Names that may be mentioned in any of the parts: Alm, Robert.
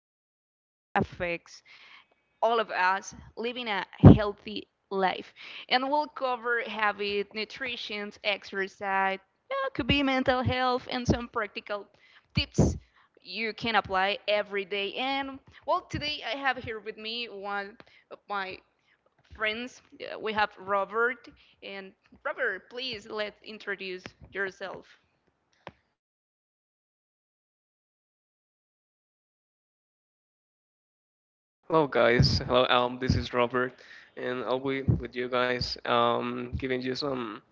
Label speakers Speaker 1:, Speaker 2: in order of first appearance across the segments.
Speaker 1: about something that affects all of us, living a healthy life. And we'll cover habit, nutrition, exercise, yeah, could be mental health, and some practical tips you can apply every day. Today I have here with me one of my friends. We have Robert. And Robert, please, let's introduce yourself.
Speaker 2: Hello guys, hello Alm. This is Robert, and I'll be with you guys, giving you some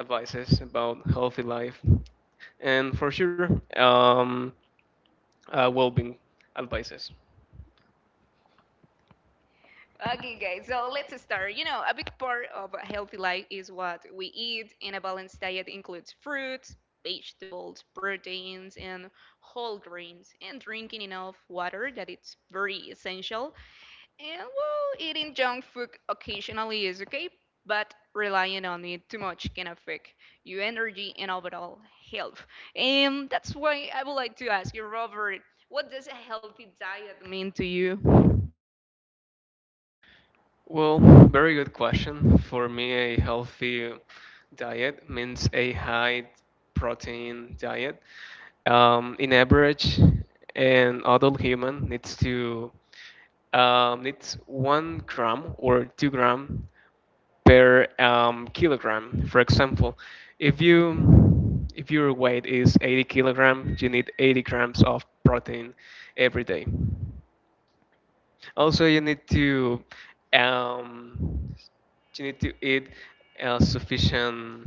Speaker 2: advices about healthy life, and for sure, um, well-being advices.
Speaker 1: Okay, guys, so let's start. A big part of a healthy life is what we eat, and a balanced diet includes fruits, vegetables, proteins, and whole grains, and drinking enough water, that it's very essential. Eating junk food occasionally is okay, but relying on it too much can affect your energy and overall health. And that's why I would like to ask you, Robert, what does a healthy diet mean to you?
Speaker 2: Well, very good question. For me, a healthy diet means a high protein diet. In average, an adult human needs 1 gram or 2 gram per kilogram. For example, if your weight is 80 kilograms, you need 80 grams of protein every day. Also, um, you need to eat sufficient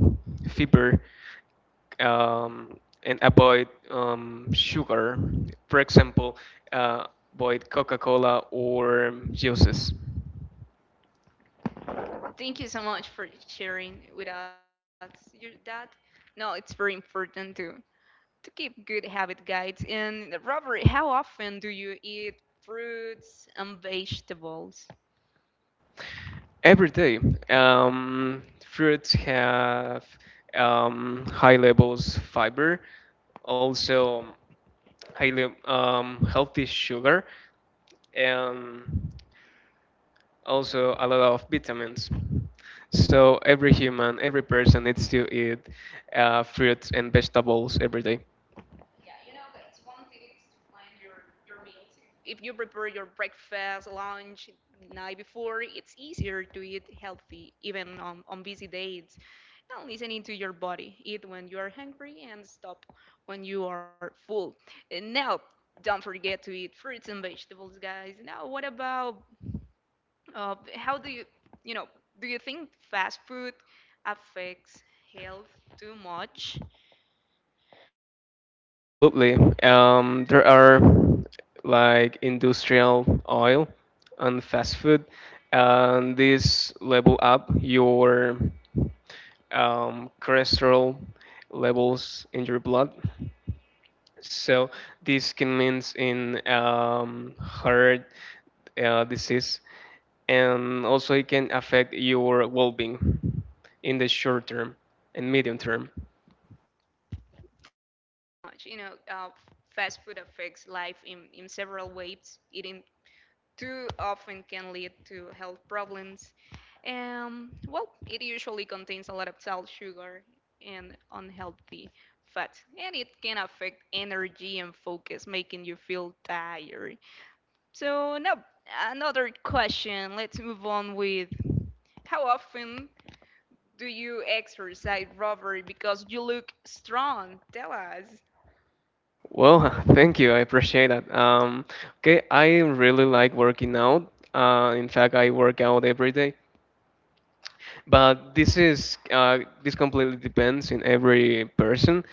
Speaker 2: fiber um, and avoid sugar. For example, uh, avoid Coca-Cola or juices.
Speaker 1: Thank you so much for sharing with us your that. No, it's very important to keep good habit guides. And Robert, how often do you eat fruits and vegetables?
Speaker 2: Every day, fruits have high levels fiber, also highly healthy sugar, and also a lot of vitamins. So every human, every person needs to eat fruits and vegetables every day.
Speaker 1: If you prepare your breakfast, lunch, night before, it's easier to eat healthy, even on busy days. Now, listening to your body. Eat when you are hungry and stop when you are full. And now, don't forget to eat fruits and vegetables, guys. Now, what about how do you, you know, do you think fast food affects health too much?
Speaker 2: Absolutely. There are like industrial oil and fast food, and these level up your cholesterol levels in your blood. So this can means in heart disease, and also it can affect your well-being in the short term and medium term.
Speaker 1: Much, you know, uh, Fast food affects life in several ways. Eating too often can lead to health problems. It usually contains a lot of salt, sugar, and unhealthy fats, and it can affect energy and focus, making you feel tired. So now, another question. Let's move on with, how often do you exercise, Robert? Because you look strong. Tell us.
Speaker 2: Well, thank you. I appreciate that. Okay, I really like working out. In fact, I work out every day. But this completely depends in every person.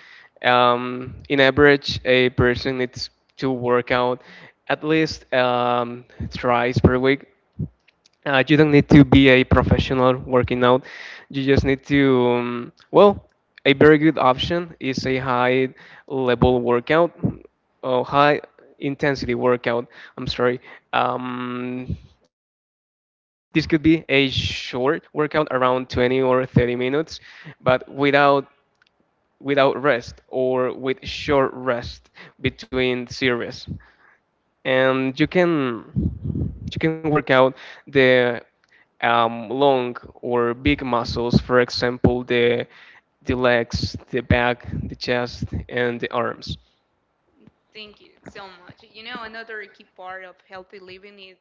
Speaker 2: In average, a person needs to work out at least thrice per week. You don't need to be a professional working out. You just need to, well, a very good option is a high level workout or high intensity workout. I'm sorry. Um, this could be a short workout around 20 or 30 minutes, but without rest or with short rest between series, and you can work out the long or big muscles, for example, the legs, the back, the chest, and the arms.
Speaker 1: Thank you so much. Another key part of healthy living is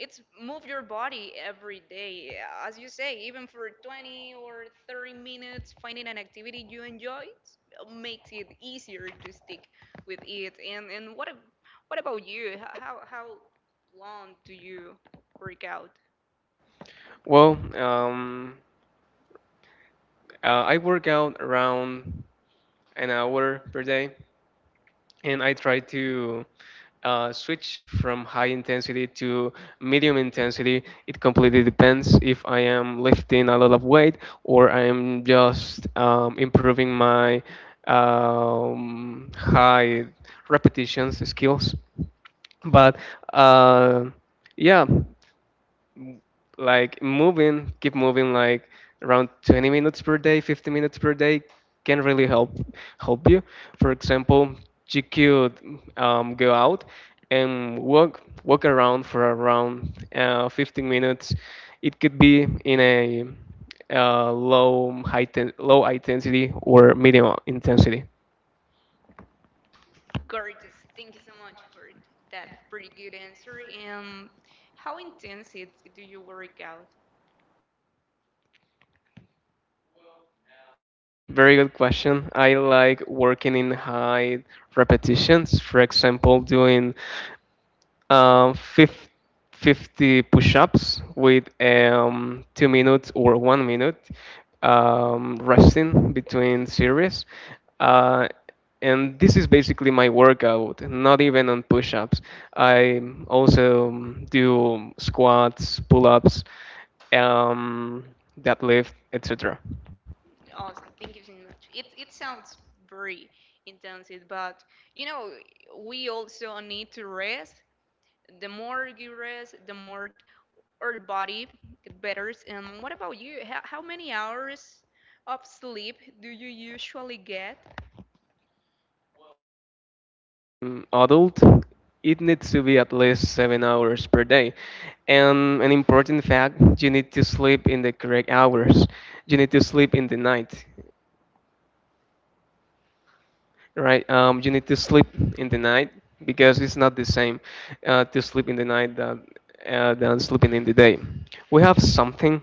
Speaker 1: it's move your body every day, as you say, even for 20 or 30 minutes. Finding an activity you enjoy makes it easier to stick with it. And what what about you? How long do you work out,
Speaker 2: Well, I work out around an hour per day, and I try to switch from high intensity to medium intensity. It completely depends if I am lifting a lot of weight or I am just improving my high repetitions skills. But uh, yeah, m- like moving, keep moving like around 20 minutes per day, 50 minutes per day can really help you. For example, you could go out and walk around for around 15 minutes. It could be in a low intensity or medium intensity.
Speaker 1: gorgeous? Thank you so much for that pretty good answer. And how intense it do you work out?
Speaker 2: Very good question. I like working in high repetitions. For example, doing um, fif- 50 push-ups with 2 minutes or 1 minute resting between series. Uh, and this is basically my workout, not even on push-ups. I also do squats, pull-ups, um, deadlift, etc.
Speaker 1: Awesome. Thank you so much. It sounds very intensive, but you know, we also need to rest. The more you rest, the more our body get better. And what about you? How many hours of sleep do you usually get?
Speaker 2: Mm, adult, it needs to be at least 7 hours per day. And an important fact, you need to sleep in the correct hours. You need to sleep in the night, right? You need to sleep in the night because it's not the same to sleep in the night than sleeping in the day. We have something,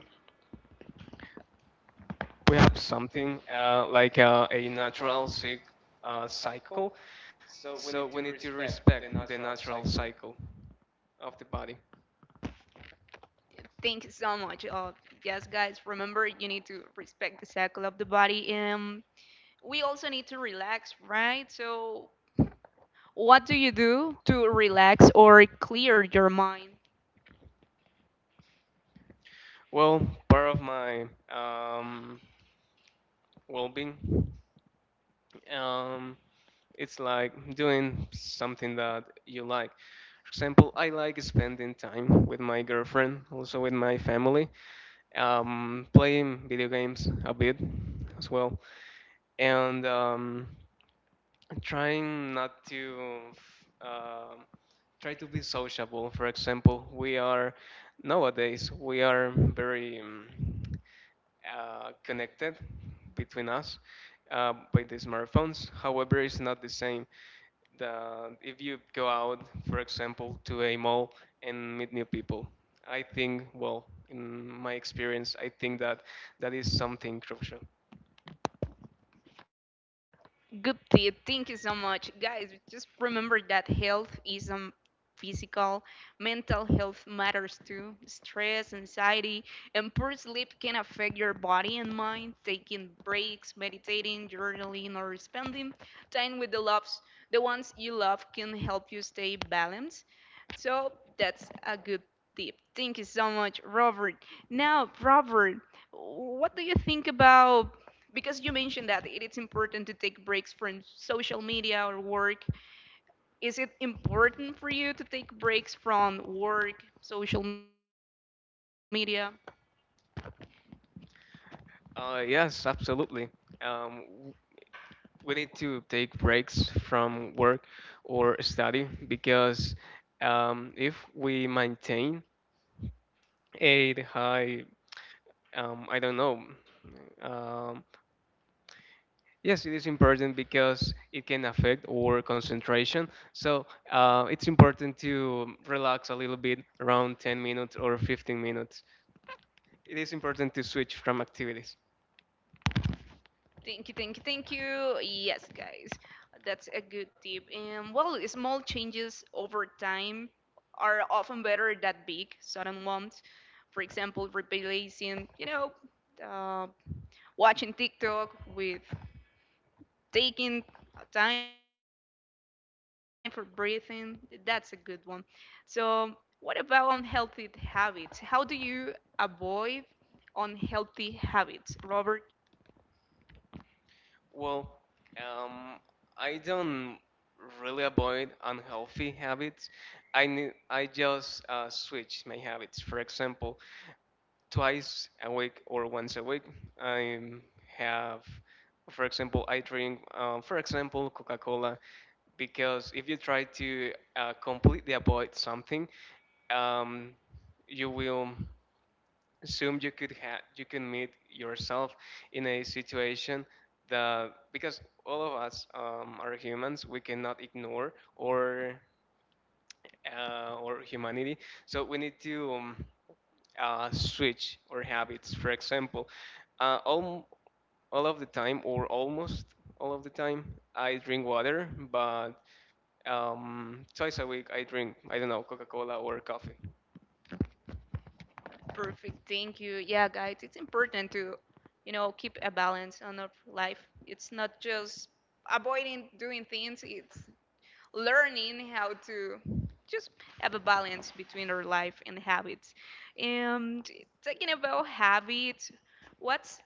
Speaker 2: something uh, like a natural sleep cycle. So we need to respect the natural cycle.
Speaker 1: Thank you so much. Yes, guys, remember, you need to respect the cycle of the body. We also need to relax, right? So, what do you do to relax or clear your mind? Good tip. Thank you so much. Guys, just remember that health is physical, mental health matters too. Stress, anxiety, and poor sleep can affect your body and mind. Taking breaks, meditating, journaling, or spending time with the loves, the ones you love, can help you stay balanced. So that's a good tip. Thank you so much, Robert. Now, Robert, what do you think about, because you mentioned that it is important to take breaks from social media or work, is it important for you to take breaks from work, social media? Thank you, thank you, thank you. Yes, guys, that's a good tip. And well small changes over time are often better than big sudden ones. For example, replacing, uh, watching TikTok with taking time for breathing. That's a good one. So what about unhealthy habits? How do you avoid unhealthy habits, Robert? Perfect. Thank you. Yeah, guys, it's important to, keep a balance on our life. It's not just avoiding doing things, it's learning how to just have a balance between our life and habits. And talking about habits, what's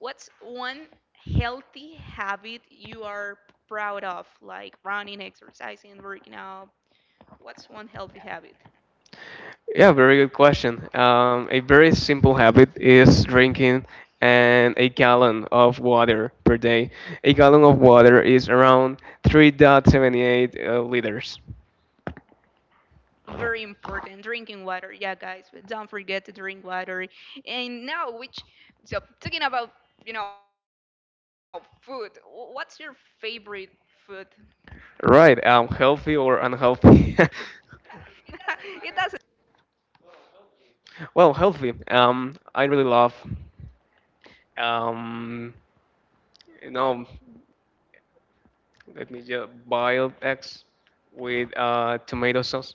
Speaker 1: what's one healthy habit you are proud of, like running, exercising, working out? What's one healthy habit?
Speaker 2: Yeah, very good question. A very simple habit is drinking and a gallon of water per day. A gallon of water is around 3.78 liters.
Speaker 1: Very important. Drinking water. Yeah, guys, but don't forget to drink water. And now, which, so talking about, food, what's your favorite food?
Speaker 2: Right, healthy or unhealthy?
Speaker 1: It doesn't.
Speaker 2: Well, healthy. I really love, um, you know, let me just boiled eggs with tomato sauce.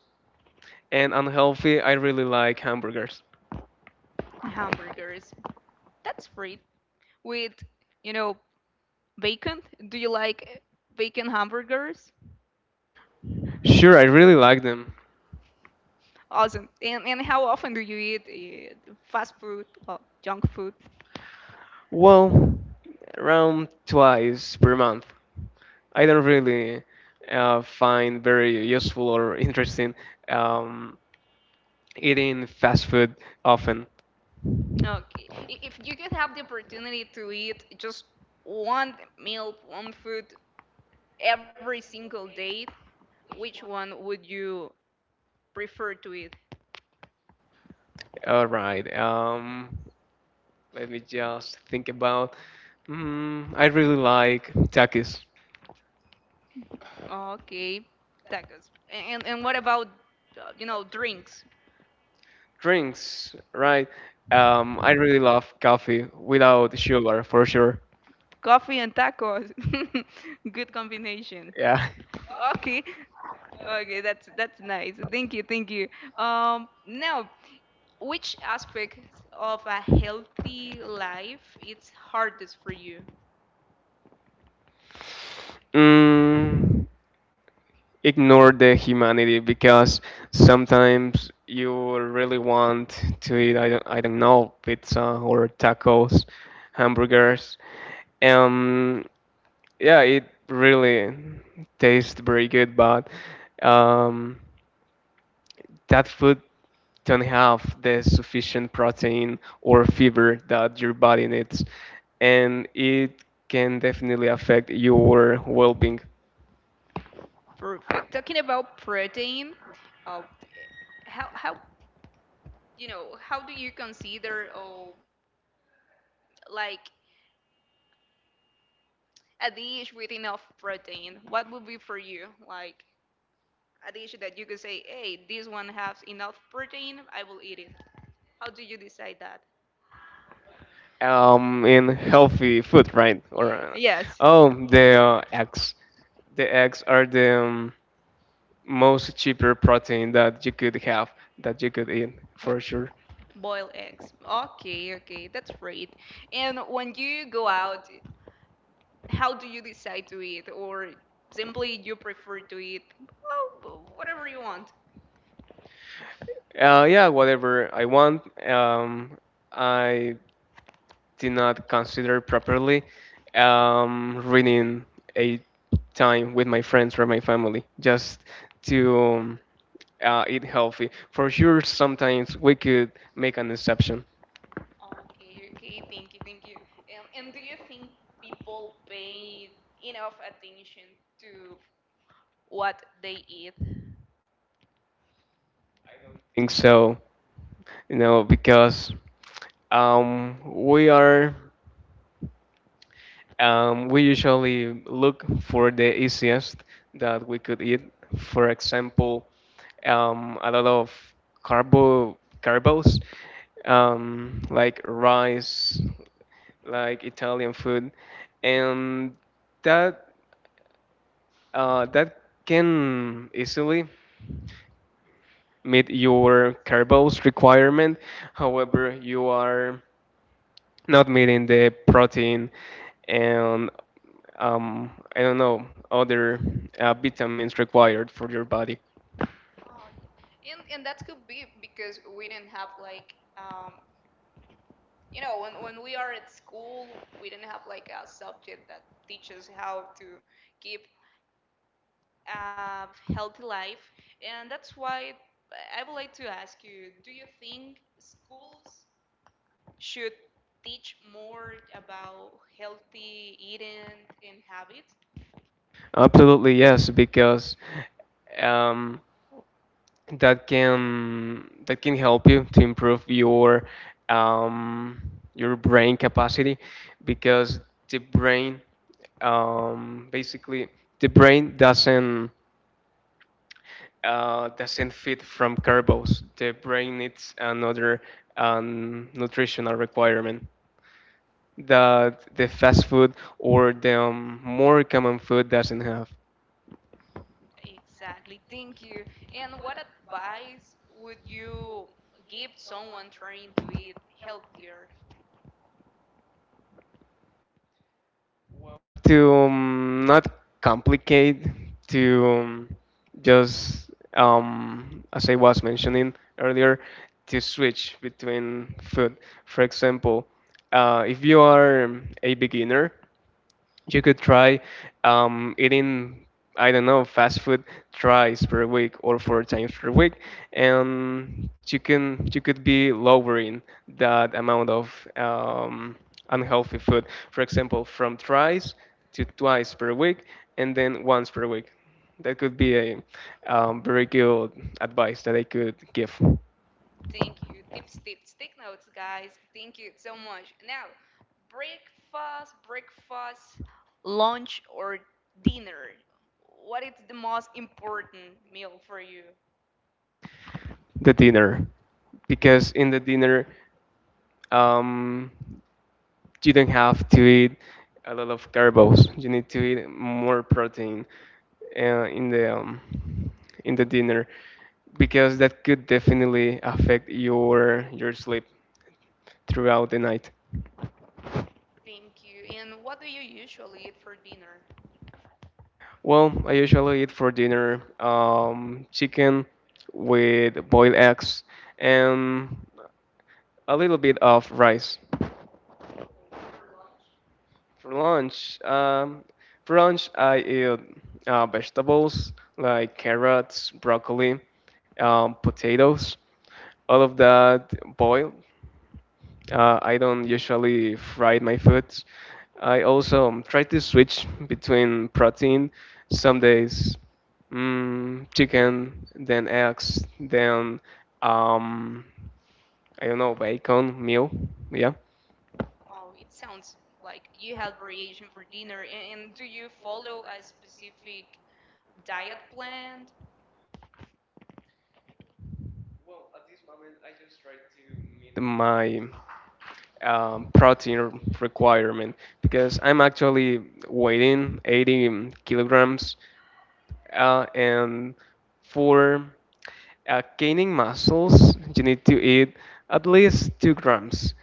Speaker 2: And unhealthy, I really like hamburgers.
Speaker 1: Hamburgers. That's great. With, you know, bacon. Do you like bacon hamburgers?
Speaker 2: Sure, I really like them.
Speaker 1: Awesome. And how often do you eat fast food or junk food?
Speaker 2: Well, around twice per month. I don't really find very useful or interesting um, eating fast food often.
Speaker 1: Okay. If you could have the opportunity to eat just one meal, one food every single day, which one would you prefer to eat?
Speaker 2: All right. Let me just think about. Mm, I really like takis.
Speaker 1: Okay, tacos. And what about you know, drinks?
Speaker 2: Drinks, right? I really love coffee without sugar for sure.
Speaker 1: Coffee and tacos. Good combination.
Speaker 2: Yeah.
Speaker 1: Okay. Okay, that's nice. Thank you, thank you. Now, which aspect of a healthy life is hardest for you?
Speaker 2: Mm, ignore the humanity because sometimes you really want to eat, I don't know, pizza or tacos, hamburgers. Um, yeah, it really tastes very good, but um, that food don't have the sufficient protein or fiber that your body needs, and it can definitely affect your well-being.
Speaker 1: Perfect. Talking about protein, uh, how you know, how do you consider, oh, like a dish with enough protein? What would be for you like a dish that you could say, hey, this one has enough protein, I will eat it. How do you decide that?
Speaker 2: Um, in healthy food, right? Or
Speaker 1: Yes.
Speaker 2: oh, the eggs. The eggs are the most cheaper protein that you could have, that you could eat for sure.
Speaker 1: Boiled eggs. Okay, okay, that's great. And when you go out, how do you decide to eat, or simply you prefer to eat, well, whatever you want?
Speaker 2: Yeah, whatever I want. I did not consider properly reading a time with my friends or my family just to eat healthy. For sure, sometimes we could make an exception.
Speaker 1: Okay, okay, thank you, thank you. And do you think people pay enough attention to what they eat?
Speaker 2: Think so. You know, because we are we usually look for the easiest that we could eat. For example, a lot of carbos, like rice, like Italian food, and that that can easily meet your carbos requirement. However, you are not meeting the protein and I don't know other vitamins required for your body.
Speaker 1: Oh, and that could be because we didn't have like when we are at school, we didn't have like a subject that teaches how to keep uh, healthy life. And that's why I would like to ask you, do you think schools should teach more about healthy eating and habits?
Speaker 2: Absolutely yes, because um, that can help you to improve um, your brain capacity because the brain basically the brain doesn't fit from carbs. The brain needs another nutritional requirement that the fast food or the more common food doesn't have.
Speaker 1: Exactly, thank you. And what advice would you give someone trying to eat healthier?
Speaker 2: To not complicate, to just, as I was mentioning earlier, to switch between food. For example, if you are a beginner, you could try eating, I don't know, fast food thrice per week or four times per week, and you could be lowering that amount of unhealthy food. For example, from thrice to twice per week, and then once per week. That could be a very good advice that I could give
Speaker 1: Thank you. Tips, tips, take notes, guys. Thank you so much. Now, breakfast, breakfast, lunch, or dinner. What is the most important meal for you?
Speaker 2: the dinner because in the dinner um, you don't have to eat a lot of carbs. You need to eat more protein uh, in the um, in the dinner because that could definitely affect your sleep throughout the night.
Speaker 1: Thank you. And what do you usually eat for dinner?
Speaker 2: Well, I usually eat for dinner chicken with boiled eggs and a little bit of rice. For lunch, um, for lunch I eat vegetables like carrots, broccoli, potatoes, all of that boiled. I don't usually fry my food. I also try to switch between protein. Some days, mm, chicken, then eggs, then um, I don't know, bacon, meal. Yeah,
Speaker 1: Oh, it sounds like you have variation for dinner. And do you follow a specific diet plan?
Speaker 2: my protein requirement because I'm actually weighing 80 kilograms, and for gaining muscles, you need to eat at least 2 grams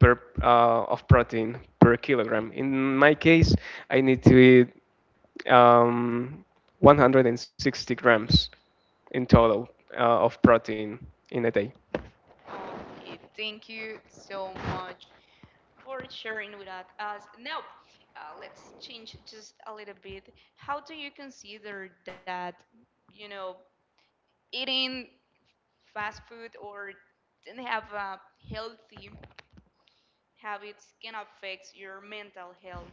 Speaker 2: per of protein per kilogram. In my case, I need to eat um, 160 grams in total of protein in a day.
Speaker 1: Okay, thank you so much for sharing with us. Now, let's change just a little bit. How do you consider that, you know, eating fast food or didn't have healthy habits can affect your mental health?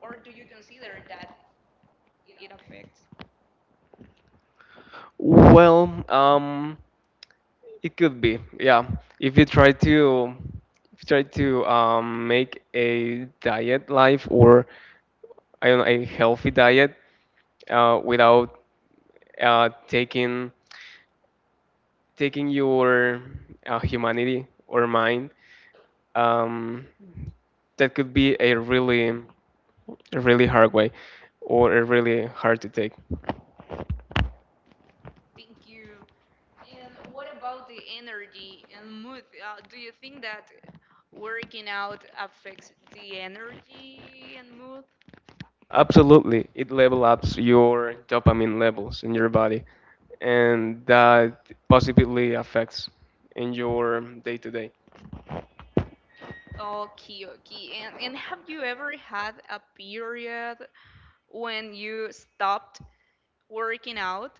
Speaker 1: Or do you consider that it affects?
Speaker 2: Well, it could be, yeah. If you try to if you try to make a diet life or I don't know, a healthy diet without uh, taking taking your humanity or mind, um, that could be a really hard way or a really hard to take.
Speaker 1: Thank you. And what about the energy and mood? Do you think that working out affects the energy and mood?
Speaker 2: Absolutely, it level ups your dopamine levels in your body, and that positively affects in your day to day.
Speaker 1: Okay, okay. And have you ever had a period when you stopped working out?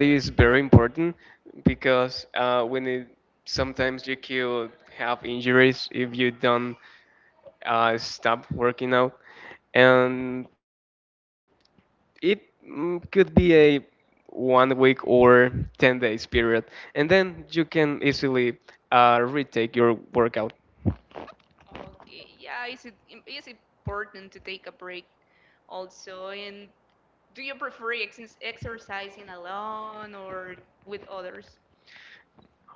Speaker 2: It is very important because when it, sometimes you could have injuries if you don't stop working out, and it mm, could be a 1 week or 10 days period and then you can easily retake your workout.
Speaker 1: Okay, yeah, is it is important to take a break also? And do you prefer exercising alone or with others?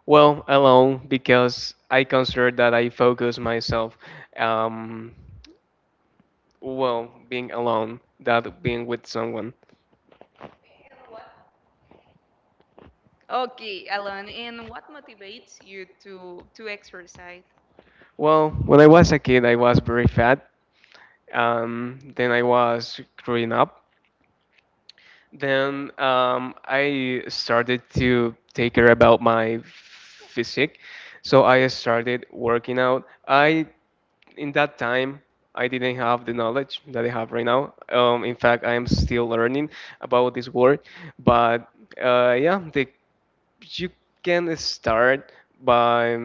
Speaker 2: Well, alone because I consider that I focus myself. Um, well, being alone, that being with someone.
Speaker 1: Okay, alone. And what motivates you to exercise?
Speaker 2: Well, when I was a kid, I was very fat. Then I was growing up. Then I started to take care about my physique. So I started working out. I in that time I didn't have the knowledge that I have right now. In fact, I am still learning about this word. But yeah, the you can start by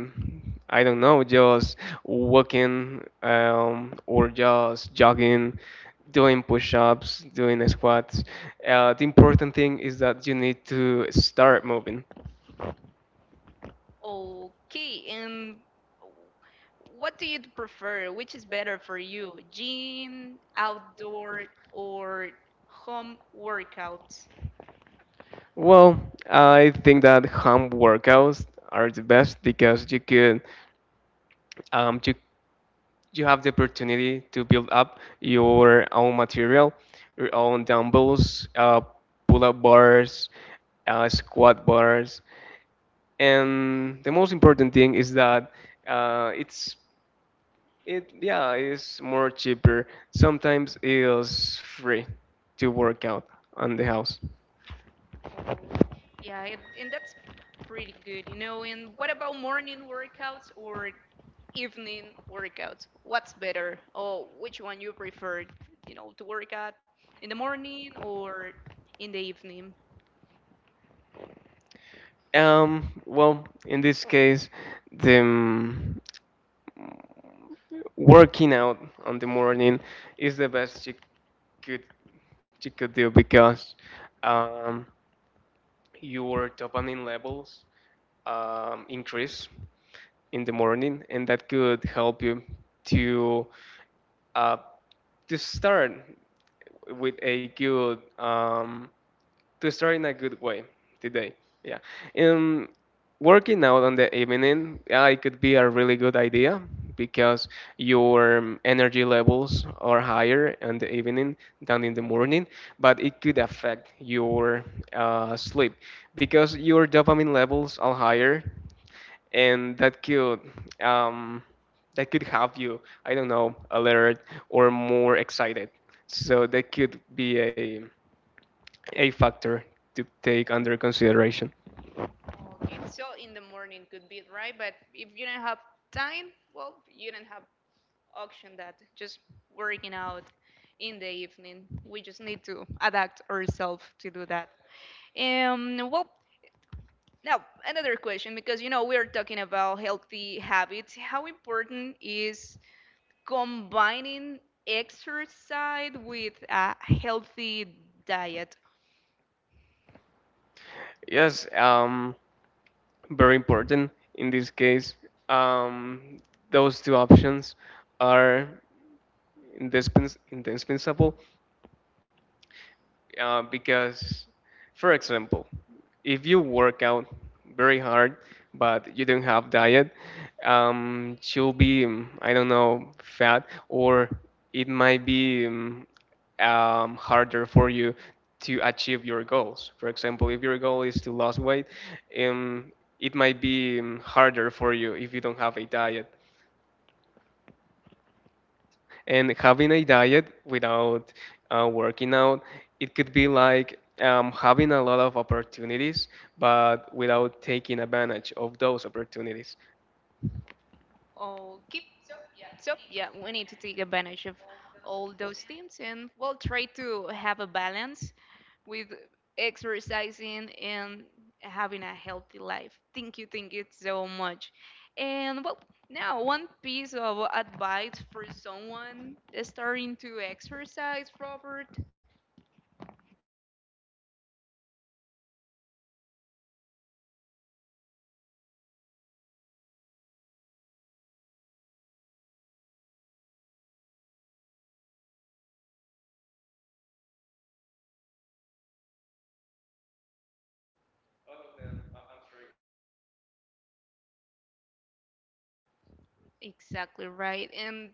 Speaker 2: I don't know, just walking or just jogging, doing push-ups, doing squats. The important thing is that you need to start moving.
Speaker 1: Okay, and what do you prefer? Which is better for you, gym, outdoor, or home workouts?
Speaker 2: Well, I think that home workouts are the best because you could you you have the opportunity to build up your own material, your own dumbbells, pull-up bars, squat bars, and the most important thing is that uh, it's it's more cheaper. Sometimes it's free to work out on the house.
Speaker 1: Oh, yeah, it, and that's pretty good, you know. And what about morning workouts or evening workouts? What's better? Or which one you prefer, you know, to work out in the morning or in the evening?
Speaker 2: Well, in this case, the working out on the morning is the best you could do because um, your dopamine levels increase in the morning, and that could help you to uh, to start with a good to start in a good way today. Yeah. Um, Working out on the evening, yeah, it could be a really good idea because your energy levels are higher in the evening than in the morning, but it could affect your sleep because your dopamine levels are higher, and um, that could have you, I don't know, alert or more excited. So that could be a factor to take under consideration.
Speaker 1: Okay, so in the morning could be it, right? But if you don't have time, well, you don't have option that just working out in the evening. We just need to adapt ourselves to do that. Um, well, now another question, because you know we are talking about healthy habits. How important is combining exercise with a healthy diet?
Speaker 2: Yes, very important in this case. Um, those two options are indispensable because, for example, if you work out very hard but you don't have diet, you'll be I don't know fat or it might be harder for you to achieve your goals. For example, if your goal is to lose weight, um, it might be harder for you if you don't have a diet. And having a diet without working out, it could be like having a lot of opportunities, but without taking advantage of those opportunities.
Speaker 1: Oh, keep up. Yeah, we need to take advantage of all those things and we'll try to have a balance with exercising and having a healthy life. Thank you so much. And well, now, one piece of advice for someone starting to exercise, Robert. Exactly right. And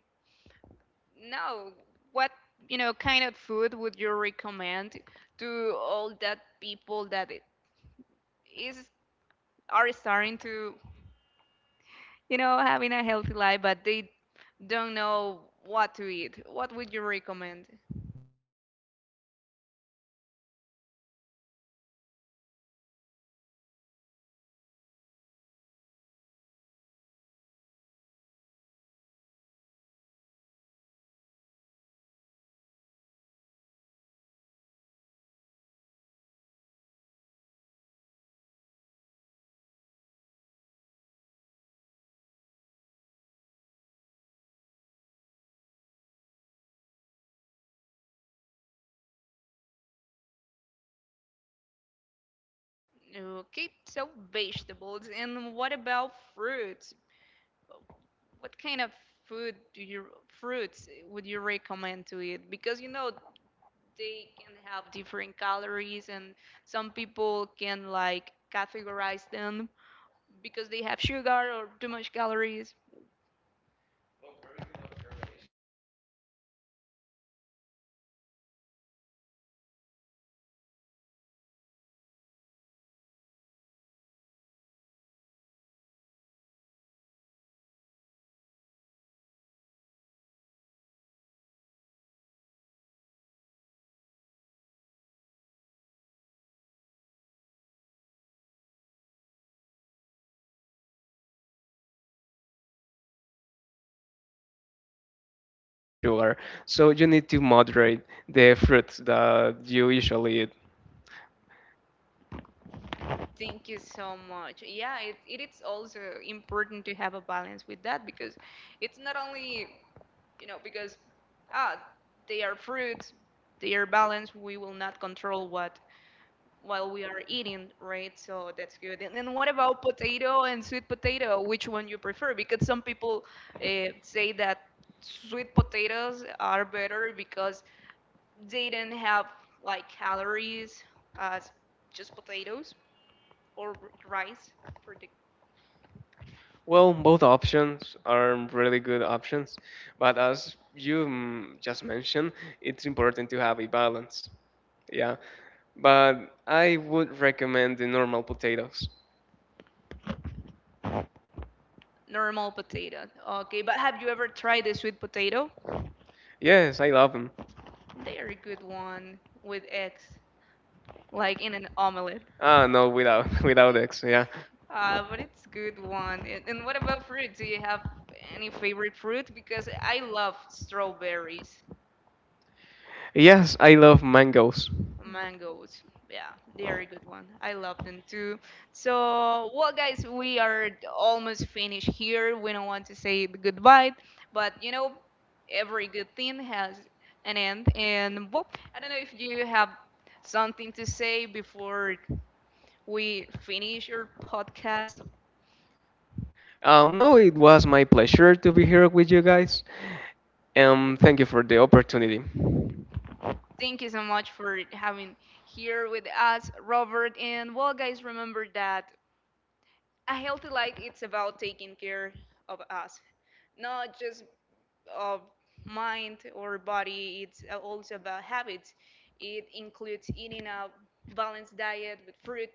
Speaker 1: now, what, you know, kind of food would you recommend to all that people that it is are starting to, you know, having a healthy life, but they don't know what to eat. What would you recommend? Okay, so vegetables. And what about fruits? What kind of food do you, fruits would you recommend to eat? Because you know they can have different calories, and some people can like categorize them because they have sugar or too much calories.
Speaker 2: Sugar. So you need to moderate the fruits that you usually eat.
Speaker 1: Thank you so much. Yeah, it is also important to have a balance with that, because it's not only, you know, because ah, they are fruits, they are balanced, we will not control what while we are eating, right? So that's good. And then what about potato and sweet potato? Which one you prefer? Because some people say that sweet potatoes are better because they don't have like calories as just potatoes or rice for the
Speaker 2: Well, both options are really good options, but as you mm, just mentioned, it's important to have a balance. Yeah, but I would recommend the normal potatoes.
Speaker 1: normal potato. Okay, but have you ever tried the sweet potato?
Speaker 2: Yes, I love them.
Speaker 1: They are a good one with eggs, like in an omelet.
Speaker 2: Ah, no, without without X, yeah.
Speaker 1: But it's good one. And what about fruit? Do you have any favorite fruit? Because I love strawberries.
Speaker 2: Yes, I love mangoes.
Speaker 1: Mangoes. Yeah, they are a good one. I love them too. So, well, guys, we are almost finished here. We don't want to say the goodbye, but you know, every good thing has an end. And well, I don't know if you have something to say before we finish your podcast.
Speaker 2: No, it was my pleasure to be here with you guys, and thank you for the opportunity.
Speaker 1: Thank you so much for having here with us, Robert. And well, guys, remember that a healthy life, it's about taking care of us, not just uh, mind or body. It's also about habits. It includes eating a balanced diet with fruit,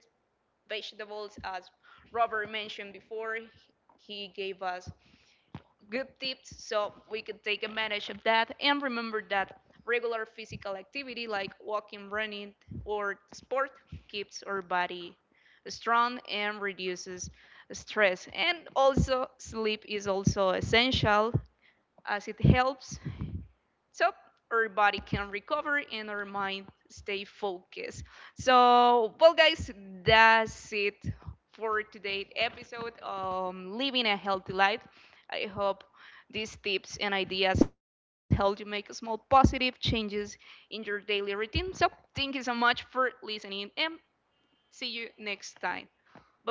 Speaker 1: vegetables, as Robert mentioned before. He gave us good tips so we could take advantage of that, and remember that regular physical activity like walking, running, or sport keeps our body strong and reduces stress. And also, sleep is also essential as it helps so our body can recover and our mind stay focused. So well, guys, that's it for today's episode, living a healthy life. I hope these tips and ideas help you make small positive changes in your daily routine. So thank you so much for listening, and see you next time. Bye bye.